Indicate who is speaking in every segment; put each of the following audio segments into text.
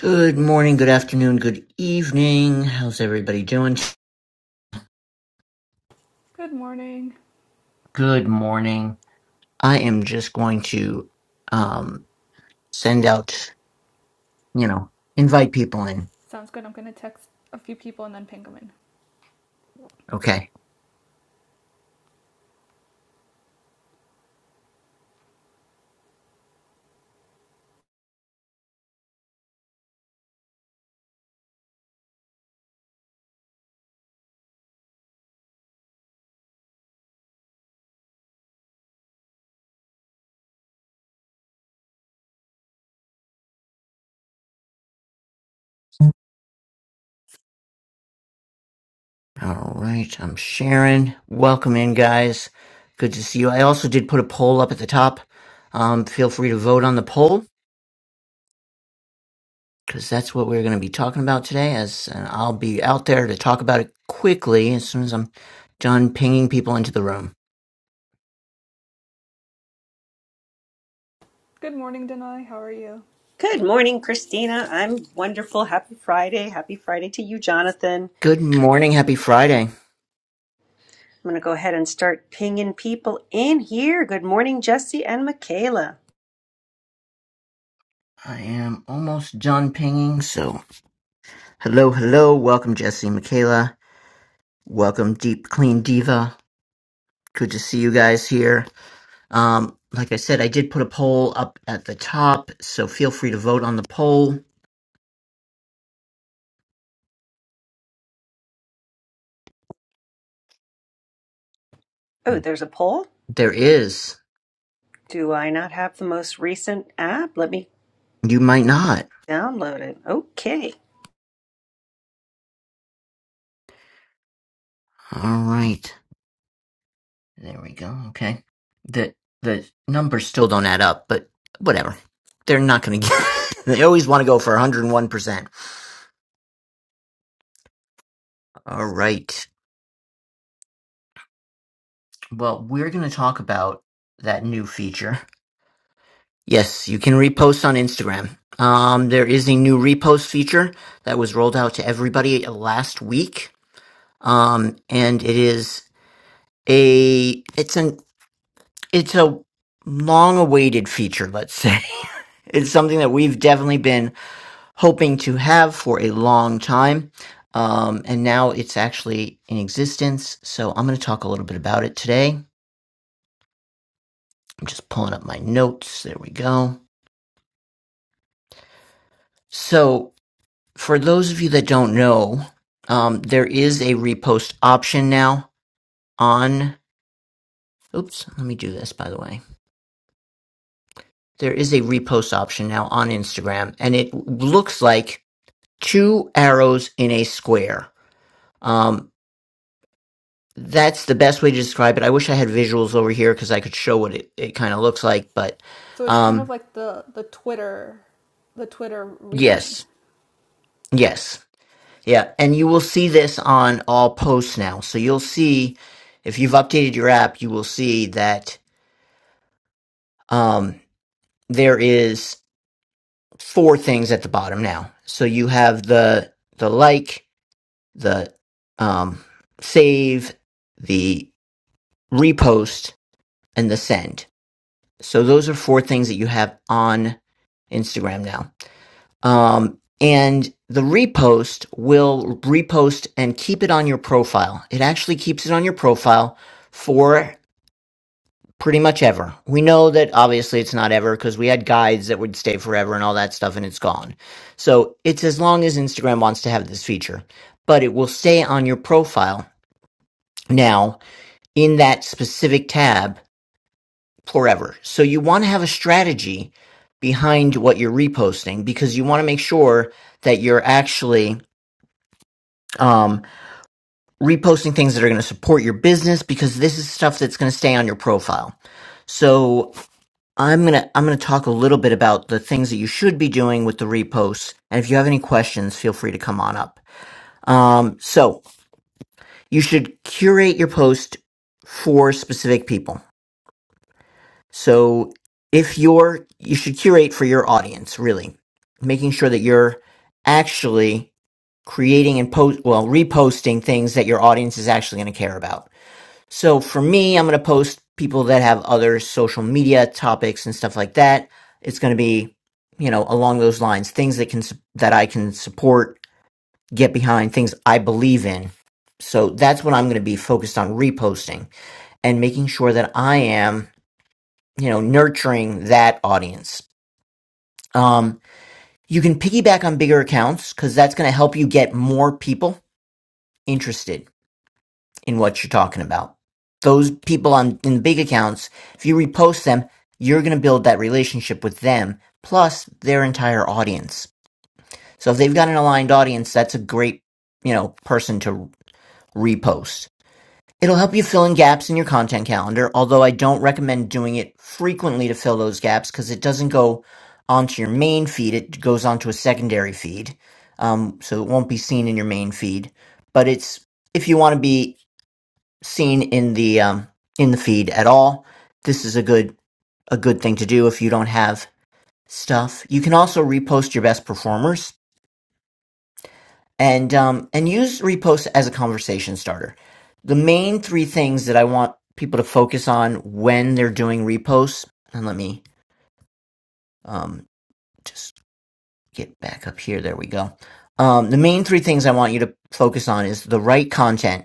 Speaker 1: Good morning, good afternoon, good evening. How's everybody doing?
Speaker 2: Good morning.
Speaker 1: Good morning. I am just going to um send out, you know, invite people in.
Speaker 2: Sounds good. I'm gonna text a few people and then ping them in.
Speaker 1: Okay. All right. I'm Sharon. Welcome in, guys. Good to see you. I also did put a poll up at the top. Um, feel free to vote on the poll because that's what we're going to be talking about today. As and I'll be out there to talk about it quickly as soon as I'm done pinging people into the room.
Speaker 2: Good morning, Denai. How are you?
Speaker 3: Good morning, Christina. I'm wonderful. Happy Friday. Happy Friday to you, Jonathan.
Speaker 1: Good morning. Happy Friday.
Speaker 3: I'm going to go ahead and start pinging people in here. Good morning, Jesse and Michaela.
Speaker 1: I am almost John pinging, so hello, hello. Welcome, Jesse, Michaela. Welcome, Deep Clean Diva. Good to see you guys here. Um, like I said, I did put a poll up at the top, so feel free to vote on the poll.
Speaker 3: Oh, there's a poll.
Speaker 1: There is.
Speaker 3: Do I not have the most recent app? Let me
Speaker 1: You might not.
Speaker 3: download it. Okay.
Speaker 1: All right. There we go. Okay. The the numbers still don't add up, but whatever. They're not going to get. they always want to go for 101%. All right. Well, we're going to talk about that new feature. Yes, you can repost on Instagram. Um, there is a new repost feature that was rolled out to everybody last week. Um, and it is a it's an it's a long awaited feature, let's say. it's something that we've definitely been hoping to have for a long time. Um, and now it's actually in existence. So I'm going to talk a little bit about it today. I'm just pulling up my notes. There we go. So, for those of you that don't know, um, there is a repost option now on. Oops, let me do this, by the way. There is a repost option now on Instagram, and it looks like two arrows in a square. Um, that's the best way to describe it. I wish I had visuals over here because I could show what it, it kind of looks like, but
Speaker 2: So it's kind of
Speaker 1: um,
Speaker 2: like the the Twitter, the Twitter rething.
Speaker 1: yes, yes. Yeah, and you will see this on all posts now. So you'll see if you've updated your app, you will see that um, there is four things at the bottom now. So you have the the like, the um, save, the repost, and the send. So those are four things that you have on Instagram now. Um, and the repost will repost and keep it on your profile. It actually keeps it on your profile for pretty much ever. We know that obviously it's not ever because we had guides that would stay forever and all that stuff and it's gone. So it's as long as Instagram wants to have this feature, but it will stay on your profile now in that specific tab forever. So you want to have a strategy behind what you're reposting because you want to make sure that you're actually um, reposting things that are going to support your business because this is stuff that's going to stay on your profile. So I'm gonna I'm gonna talk a little bit about the things that you should be doing with the reposts, and if you have any questions, feel free to come on up. Um, so you should curate your post for specific people. So if you're you should curate for your audience, really, making sure that you're actually creating and post well reposting things that your audience is actually going to care about So for me, I'm going to post people that have other social media topics and stuff like that. It's going to be, you know, along those lines, things that can, that I can support, get behind, things I believe in. So that's what I'm going to be focused on reposting and making sure that I am, you know, nurturing that audience. Um, you can piggyback on bigger accounts because that's going to help you get more people interested in what you're talking about. Those people on in big accounts, if you repost them, you're going to build that relationship with them plus their entire audience. So if they've got an aligned audience, that's a great, you know, person to repost. It'll help you fill in gaps in your content calendar, although I don't recommend doing it frequently to fill those gaps because it doesn't go onto your main feed. It goes onto a secondary feed. Um, so it won't be seen in your main feed, but it's if you want to be seen in the um, in the feed at all, this is a good a good thing to do if you don't have stuff. You can also repost your best performers and um, and use repost as a conversation starter. The main three things that I want people to focus on when they're doing reposts, and let me um, just get back up here. There we go. Um, the main three things I want you to focus on is the right content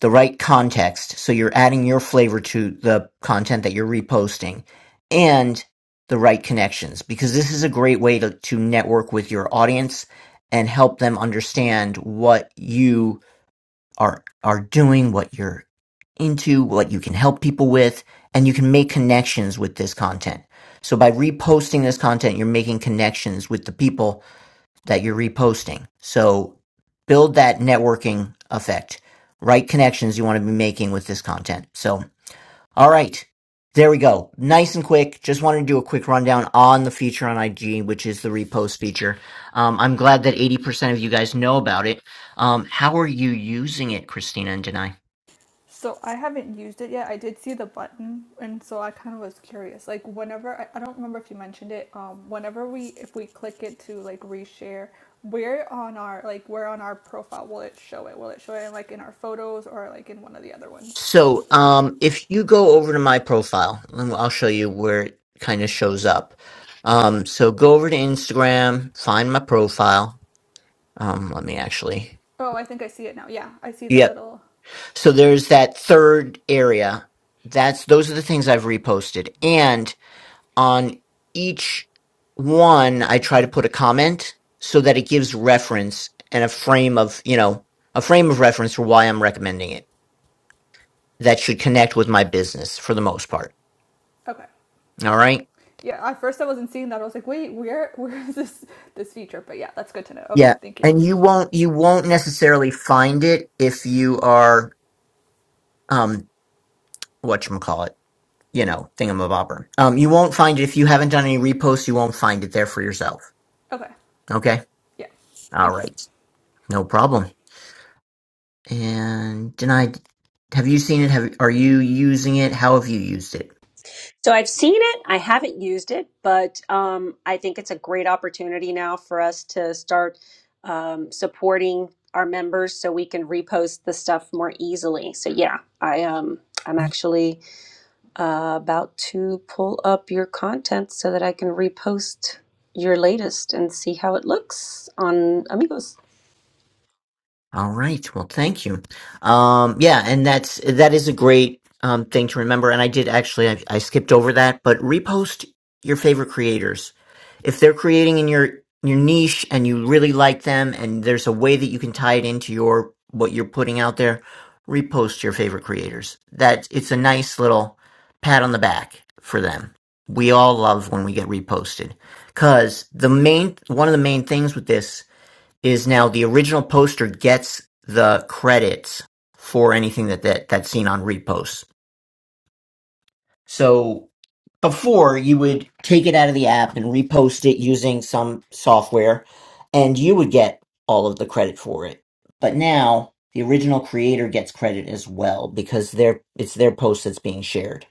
Speaker 1: the right context. So you're adding your flavor to the content that you're reposting and the right connections because this is a great way to, to network with your audience and help them understand what you are are doing, what you're into, what you can help people with, and you can make connections with this content. So by reposting this content, you're making connections with the people that you're reposting. So build that networking effect, right connections you want to be making with this content. So, all right. There we go. Nice and quick. Just wanted to do a quick rundown on the feature on IG, which is the repost feature. Um, I'm glad that 80% of you guys know about it. Um, how are you using it, Christina and Denai?
Speaker 2: So I haven't used it yet. I did see the button, and so I kind of was curious. Like whenever I, I don't remember if you mentioned it. Um, whenever we if we click it to like reshare, where on our like where on our profile will it show it? Will it show it like in our photos or like in one of the other ones?
Speaker 1: So, um, if you go over to my profile, and I'll show you where it kind of shows up. Um, so go over to Instagram, find my profile, Um, let me actually.
Speaker 2: Oh, I think I see it now. Yeah, I see the
Speaker 1: Yep.
Speaker 2: little.
Speaker 1: So there's that third area. That's those are the things I've reposted, and on each one, I try to put a comment so that it gives reference and a frame of you know a frame of reference for why I'm recommending it. That should connect with my business for the most part.
Speaker 2: Okay.
Speaker 1: All right.
Speaker 2: Yeah, at first I wasn't seeing that. I was like, wait, where where is this this feature? But yeah, that's good to know. Okay,
Speaker 1: Yeah,
Speaker 2: thank you.
Speaker 1: and you won't you won't necessarily find it if you are um whatchamacallit. you know, thingamabobber. Um, you won't find it if you haven't done any reposts. You won't find it there for yourself.
Speaker 2: Okay,
Speaker 1: Okay.
Speaker 2: yeah,
Speaker 1: All
Speaker 2: thank you.
Speaker 1: right. No problem. And denied. Have you seen it? Have are you using it? How have you used it?
Speaker 3: So I've seen it. I haven't used it, but um, I think it's a great opportunity now for us to start um, supporting our members so we can repost the stuff more easily. So yeah, I um, I'm actually uh, about to pull up your content so that I can repost your latest and see how it looks on Amigos.
Speaker 1: All right. Well, thank you. Um, yeah, and that's that is a great um, thing to remember. And I did actually, I, I skipped over that, but repost your favorite creators if they're creating in your your niche and you really like them, and there's a way that you can tie it into your what you're putting out there. Repost your favorite creators. That it's a nice little pat on the back for them. We all love when we get reposted because the main one of the main things with this is now the original poster gets the credits for anything that, that that's seen on reposts. So before you would take it out of the app and repost it using some software and you would get all of the credit for it. But now the original creator gets credit as well because their it's their post that's being shared.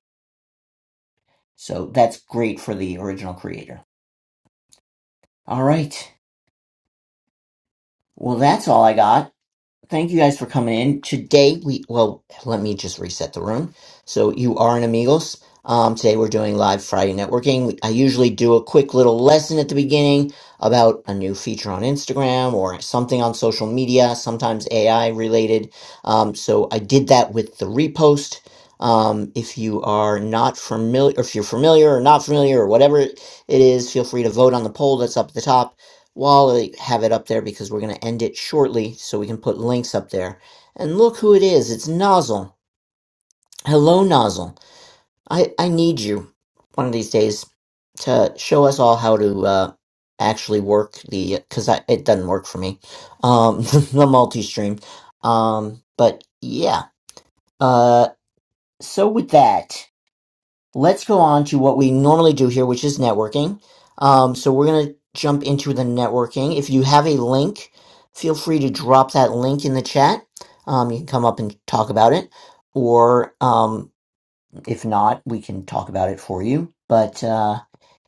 Speaker 1: So that's great for the original creator. All right. Well, that's all I got. Thank you guys for coming in. Today we well, let me just reset the room. So you are in amigos. Um, today we're doing live Friday networking. We- I usually do a quick little lesson at the beginning about a new feature on Instagram or something on social media, sometimes AI related. Um, so I did that with the repost. Um, if you are not familiar, if you're familiar or not familiar or whatever it is, feel free to vote on the poll that's up at the top well, I have it up there because we're going to end it shortly so we can put links up there. And look who it is. It's Nozzle. Hello, Nozzle. I, I need you one of these days to show us all how to uh, actually work the, because it doesn't work for me, um, the multi stream. Um, but yeah. Uh, so with that. let's go on to what we normally do here, which is networking. Um, so we're going to jump into the networking. If you have a link, feel free to drop that link in the chat. Um, you can come up and talk about it, or um, if not, we can talk about it for you. But uh,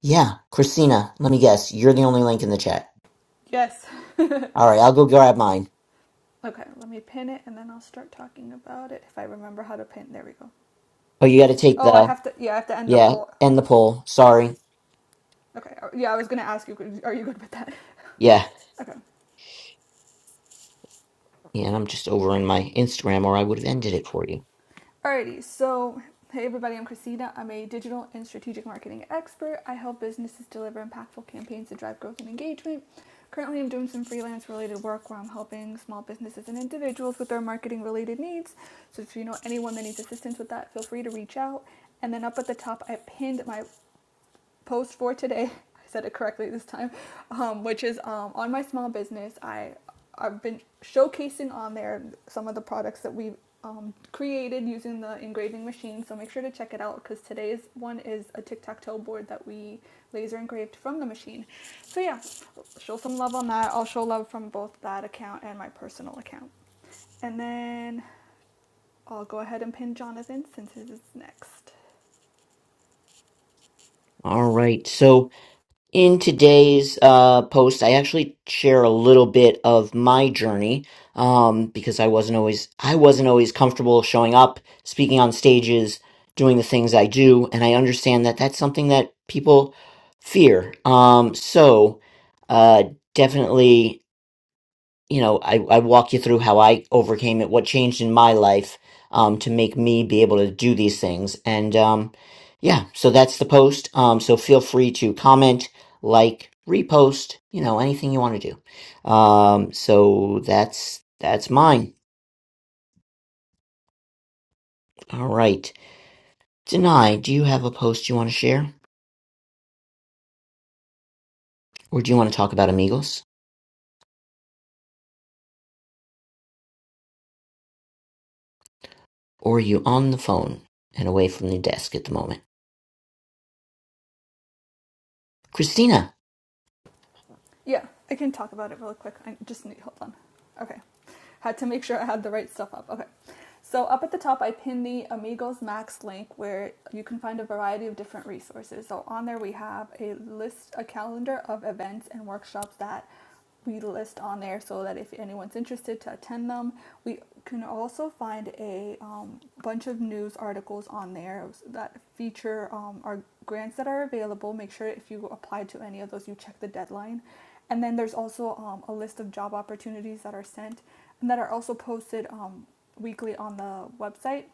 Speaker 1: yeah, Christina, let me guess, you're the only link in the chat.
Speaker 2: Yes.
Speaker 1: All right, I'll go grab mine.
Speaker 2: Okay, let me pin it and then I'll start talking about it if I remember how to pin. There we go.
Speaker 1: Oh, you got to take
Speaker 2: Oh, I
Speaker 1: the
Speaker 2: have to. Yeah, I have to end the
Speaker 1: yeah
Speaker 2: poll.
Speaker 1: end the poll. Sorry,
Speaker 2: Okay. uh, Yeah, I was gonna ask you. Are you good with that?
Speaker 1: yeah,
Speaker 2: Okay.
Speaker 1: yeah. And I'm just over in my Instagram, or I would have ended it for you.
Speaker 2: Alrighty, so hey everybody, I'm Christina. I'm a digital and strategic marketing expert. I help businesses deliver impactful campaigns to drive growth and engagement. Currently, I'm doing some freelance related work where I'm helping small businesses and individuals with their marketing related needs. So, if you know anyone that needs assistance with that, feel free to reach out. And then up at the top, I pinned my post for today. I said it correctly this time, um, which is um, on my small business. I I've been showcasing on there some of the products that we've um, created using the engraving machine. So make sure to check it out because today's one is a tic tac toe board that we laser engraved from the machine. So yeah, show some love on that. I'll show love from both that account and my personal account. And then I'll go ahead and pin Jonathan since his is next.
Speaker 1: All right, so. In today's uh, post, I actually share a little bit of my journey um, because I wasn't always I wasn't always comfortable showing up, speaking on stages, doing the things I do, and I understand that that's something that people fear. Um, so uh, definitely you know, I, I walk you through how I overcame it, what changed in my life um, to make me be able to do these things. And um, yeah, so that's the post. Um, so feel free to comment, like, repost, you know, anything you want to do. Um, so that's that's mine. All right. Denai, do you have a post you want to share? Or do you want to talk about amigos? Or are you on the phone and away from the desk at the moment? Christina,
Speaker 2: Yeah, I can talk about it real quick. I just need hold on. Okay. Had to make sure I had the right stuff up. Okay. So up at the top, I pinned the Amigos Max link where you can find a variety of different resources. So on there, we have a list, a calendar of events and workshops that we list on there so that if anyone's interested to attend them, we can also find a um, bunch of news articles on there that feature um, our grants that are available. Make sure if you apply to any of those, you check the deadline. And then there's also um, a list of job opportunities that are sent and that are also posted um, weekly on the website.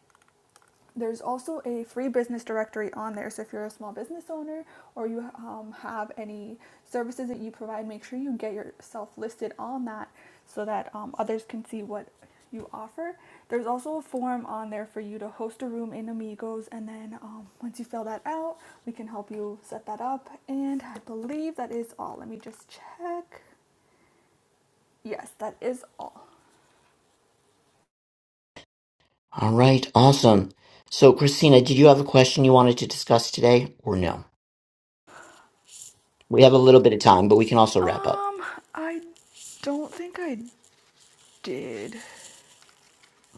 Speaker 2: There's also a free business directory on there. So if you're a small business owner or you um, have any services that you provide, make sure you get yourself listed on that so that um, others can see what you offer. There's also a form on there for you to host a room in Amigos, and then um, once you fill that out, we can help you set that up. And I believe that is all. Let me just check. Yes, that is all.
Speaker 1: All right, awesome. So, Christina, did you have a question you wanted to discuss today or no? We have a little bit of time, but we can also wrap up.
Speaker 2: Um, I don't think I did.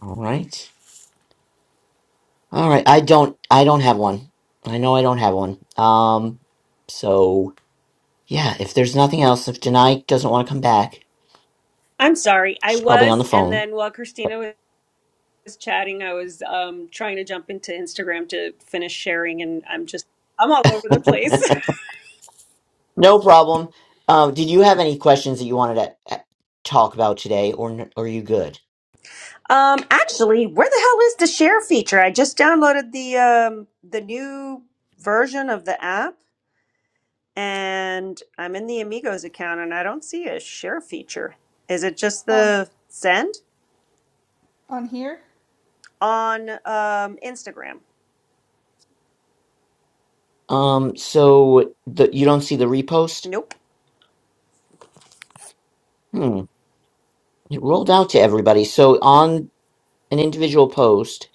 Speaker 1: All right. All right, I don't I don't have one. I know I don't have one. Um so yeah, if there's nothing else, if Janai doesn't want to come back,
Speaker 3: I'm sorry, I
Speaker 1: she's probably on the
Speaker 3: was, and
Speaker 1: phone.
Speaker 3: then while Christina was chatting, I was um, trying to jump into Instagram to finish sharing, and I'm just, I'm all over the place.
Speaker 1: no problem. Um did you have any questions that you wanted to uh, talk about today or n- or are you good?
Speaker 3: Um, actually, where the hell is the share feature? I just downloaded the um the new version of the app, and I'm in the Amigos account and I don't see a share feature. Is it just
Speaker 2: Um,
Speaker 3: the send
Speaker 2: on here?
Speaker 3: on um, Instagram?
Speaker 1: Um so the you don't see the repost?
Speaker 3: Nope.
Speaker 1: Hmm. It rolled out to everybody. So on an individual post,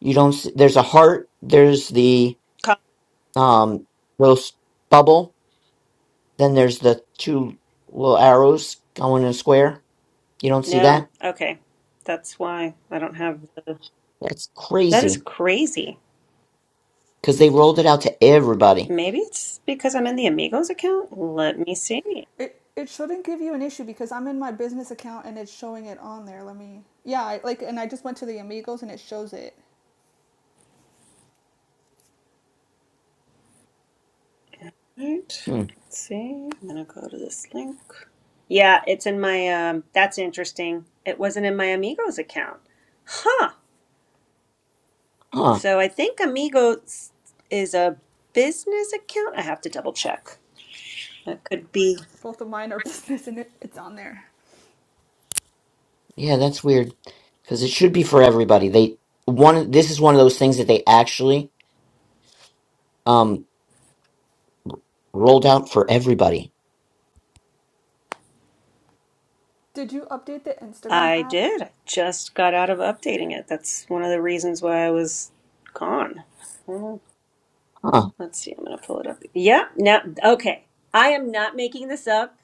Speaker 1: you don't s there's a heart, there's the
Speaker 3: Com-
Speaker 1: um roast bubble, then there's the two little arrows going in a square. You don't see
Speaker 3: No.
Speaker 1: that?
Speaker 3: Okay. That's why I don't have the.
Speaker 1: That's
Speaker 3: That is
Speaker 1: crazy
Speaker 3: crazy.
Speaker 1: because they rolled it out to everybody.
Speaker 3: Maybe it's because I'm in the Amigos account. Let me see.
Speaker 2: It it shouldn't give you an issue because I'm in my business account and it's showing it on there. Let me. Yeah, I, like and I just went to the Amigos and it shows it.
Speaker 3: Right.
Speaker 1: Hmm.
Speaker 3: Let's see. I'm gonna go to this link. Yeah, it's in my. Um, that's interesting. It wasn't in my Amigos account. Huh.
Speaker 1: Huh.
Speaker 3: So I think Amigos is a business account. I have to double check. That could be.
Speaker 2: Both of mine are business and it, it's on there.
Speaker 1: Yeah, that's weird because it should be for everybody. They one this is one of those things that they actually um rolled out for everybody.
Speaker 2: Did you update the Instagram
Speaker 3: I
Speaker 2: app?
Speaker 3: did. I just got out of updating it. That's one of the reasons why I was gone. Well,
Speaker 1: Huh.
Speaker 3: let's see. I'm going to pull it up. Yeah. Now, okay. I am not making this up.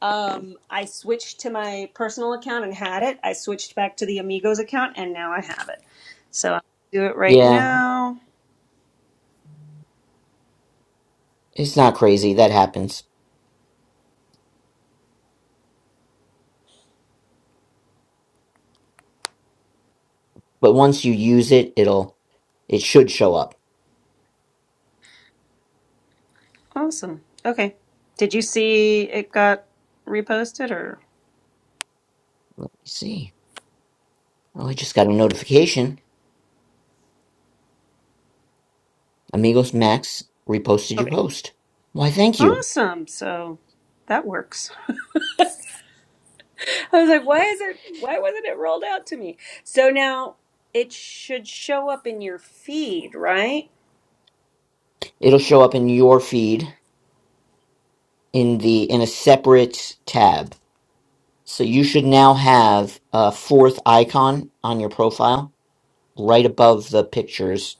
Speaker 3: Um, I switched to my personal account and had it. I switched back to the Amigos account and now I have it. So I'll do it right
Speaker 1: Yeah,
Speaker 3: now.
Speaker 1: it's not crazy. That happens. but once you use it, it'll it should show up.
Speaker 3: Awesome. Okay. Did you see it got reposted or?
Speaker 1: Let's see. Oh, I just got a notification. Amigos Max reposted your
Speaker 3: Okay.
Speaker 1: post. Why, thank you.
Speaker 3: Awesome. So that works. I was like, why is it why wasn't it rolled out to me? So now it should show up in your feed, right?
Speaker 1: It'll show up in your feed in the in a separate tab. So you should now have a fourth icon on your profile right above the pictures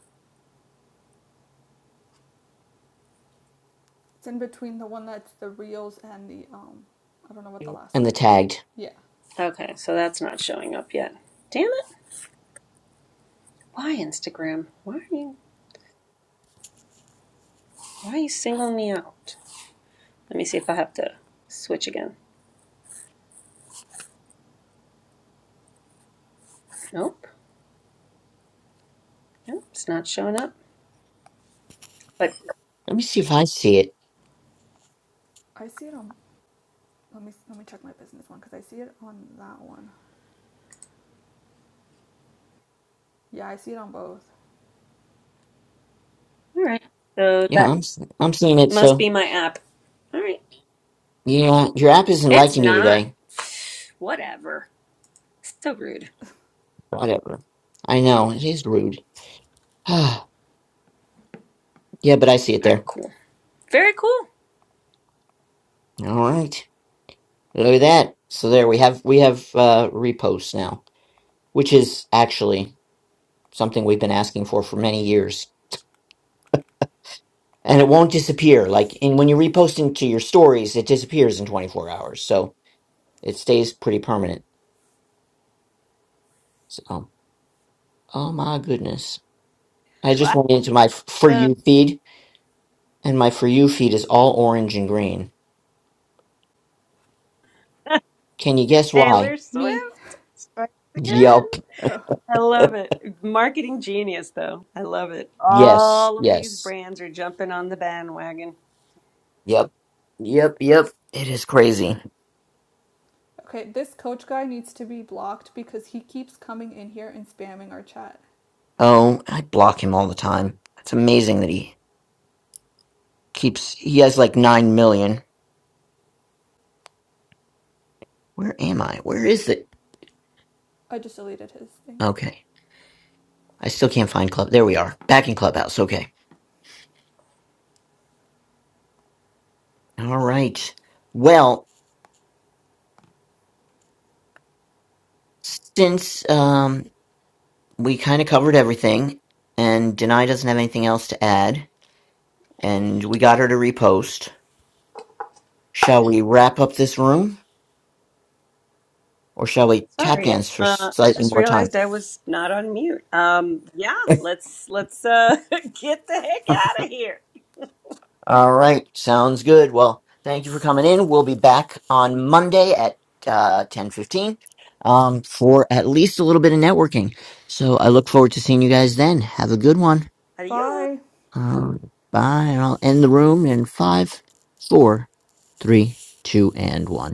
Speaker 2: It's in between the one that's the Reels and the um I don't know what the last
Speaker 1: and
Speaker 2: one
Speaker 1: the
Speaker 2: is.
Speaker 1: tagged.
Speaker 2: Yeah.
Speaker 3: Okay, so that's not showing up yet. Damn it. Why Instagram? Why are you why are you singling me out? Let me see if I have to switch again. Nope. Nope, it's not showing up. But
Speaker 1: Let me see if I see it.
Speaker 2: I see it on let me let me check my business one cuz I see it on that one. Yeah, I see it on both.
Speaker 3: all right. So
Speaker 1: Yeah,
Speaker 3: that
Speaker 1: I'm s- I'm seeing it.
Speaker 3: must
Speaker 1: So
Speaker 3: be my app. All right.
Speaker 1: yeah, your app isn't
Speaker 3: It's
Speaker 1: liking you
Speaker 3: not.
Speaker 1: today.
Speaker 3: Whatever. So rude.
Speaker 1: Whatever. I know it is rude. Yeah, but I see it
Speaker 3: All right,
Speaker 1: there.
Speaker 3: cool. Very cool.
Speaker 1: All right. Look at that. So there we have we have uh reposts now, which is actually something we've been asking for for many years. And it won't disappear. Like in when you repost into your stories, it disappears in 24 hours. So it stays pretty permanent. So oh my goodness. I just
Speaker 3: Wow.
Speaker 1: went into my f- for
Speaker 3: Uh,
Speaker 1: you feed and my for you feed is all orange and green. Can you guess why?
Speaker 3: Taylor
Speaker 2: Me.
Speaker 3: Swift strikes again.
Speaker 1: Yup.
Speaker 2: Oh.
Speaker 3: I love it. Marketing genius, though. I love it.
Speaker 1: Yes.
Speaker 3: All of these
Speaker 1: Yes.
Speaker 3: brands are jumping on the bandwagon.
Speaker 1: Yep. Yep. Yep. It is crazy.
Speaker 2: Okay, this coach guy needs to be blocked because he keeps coming in here and spamming our chat.
Speaker 1: Oh, I block him all the time. It's amazing that he keeps. He has like 9 million. Where am I? Where is it?
Speaker 2: I just deleted his thing.
Speaker 1: Okay. I still can't find Club. There we are. Back in Clubhouse. Okay. All right. Well, since um, we kind of covered everything and Denai doesn't have anything else to add and we got her to repost, shall we wrap up this room or shall we tap
Speaker 3: Sorry,
Speaker 1: dance for
Speaker 3: uh, I
Speaker 1: slightly
Speaker 3: just
Speaker 1: more time?
Speaker 3: realized I was not on mute. Um, yeah, let's let's uh, get the heck out of here.
Speaker 1: All right, sounds good. Well, thank you for coming in. We'll be back on Monday at uh, ten fifteen um, for at least a little bit of networking. So I look forward to seeing you guys then. Have a good one.
Speaker 3: Adios.
Speaker 2: Bye.
Speaker 1: Um, bye, and I'll end the room in five, four, three, two, and one.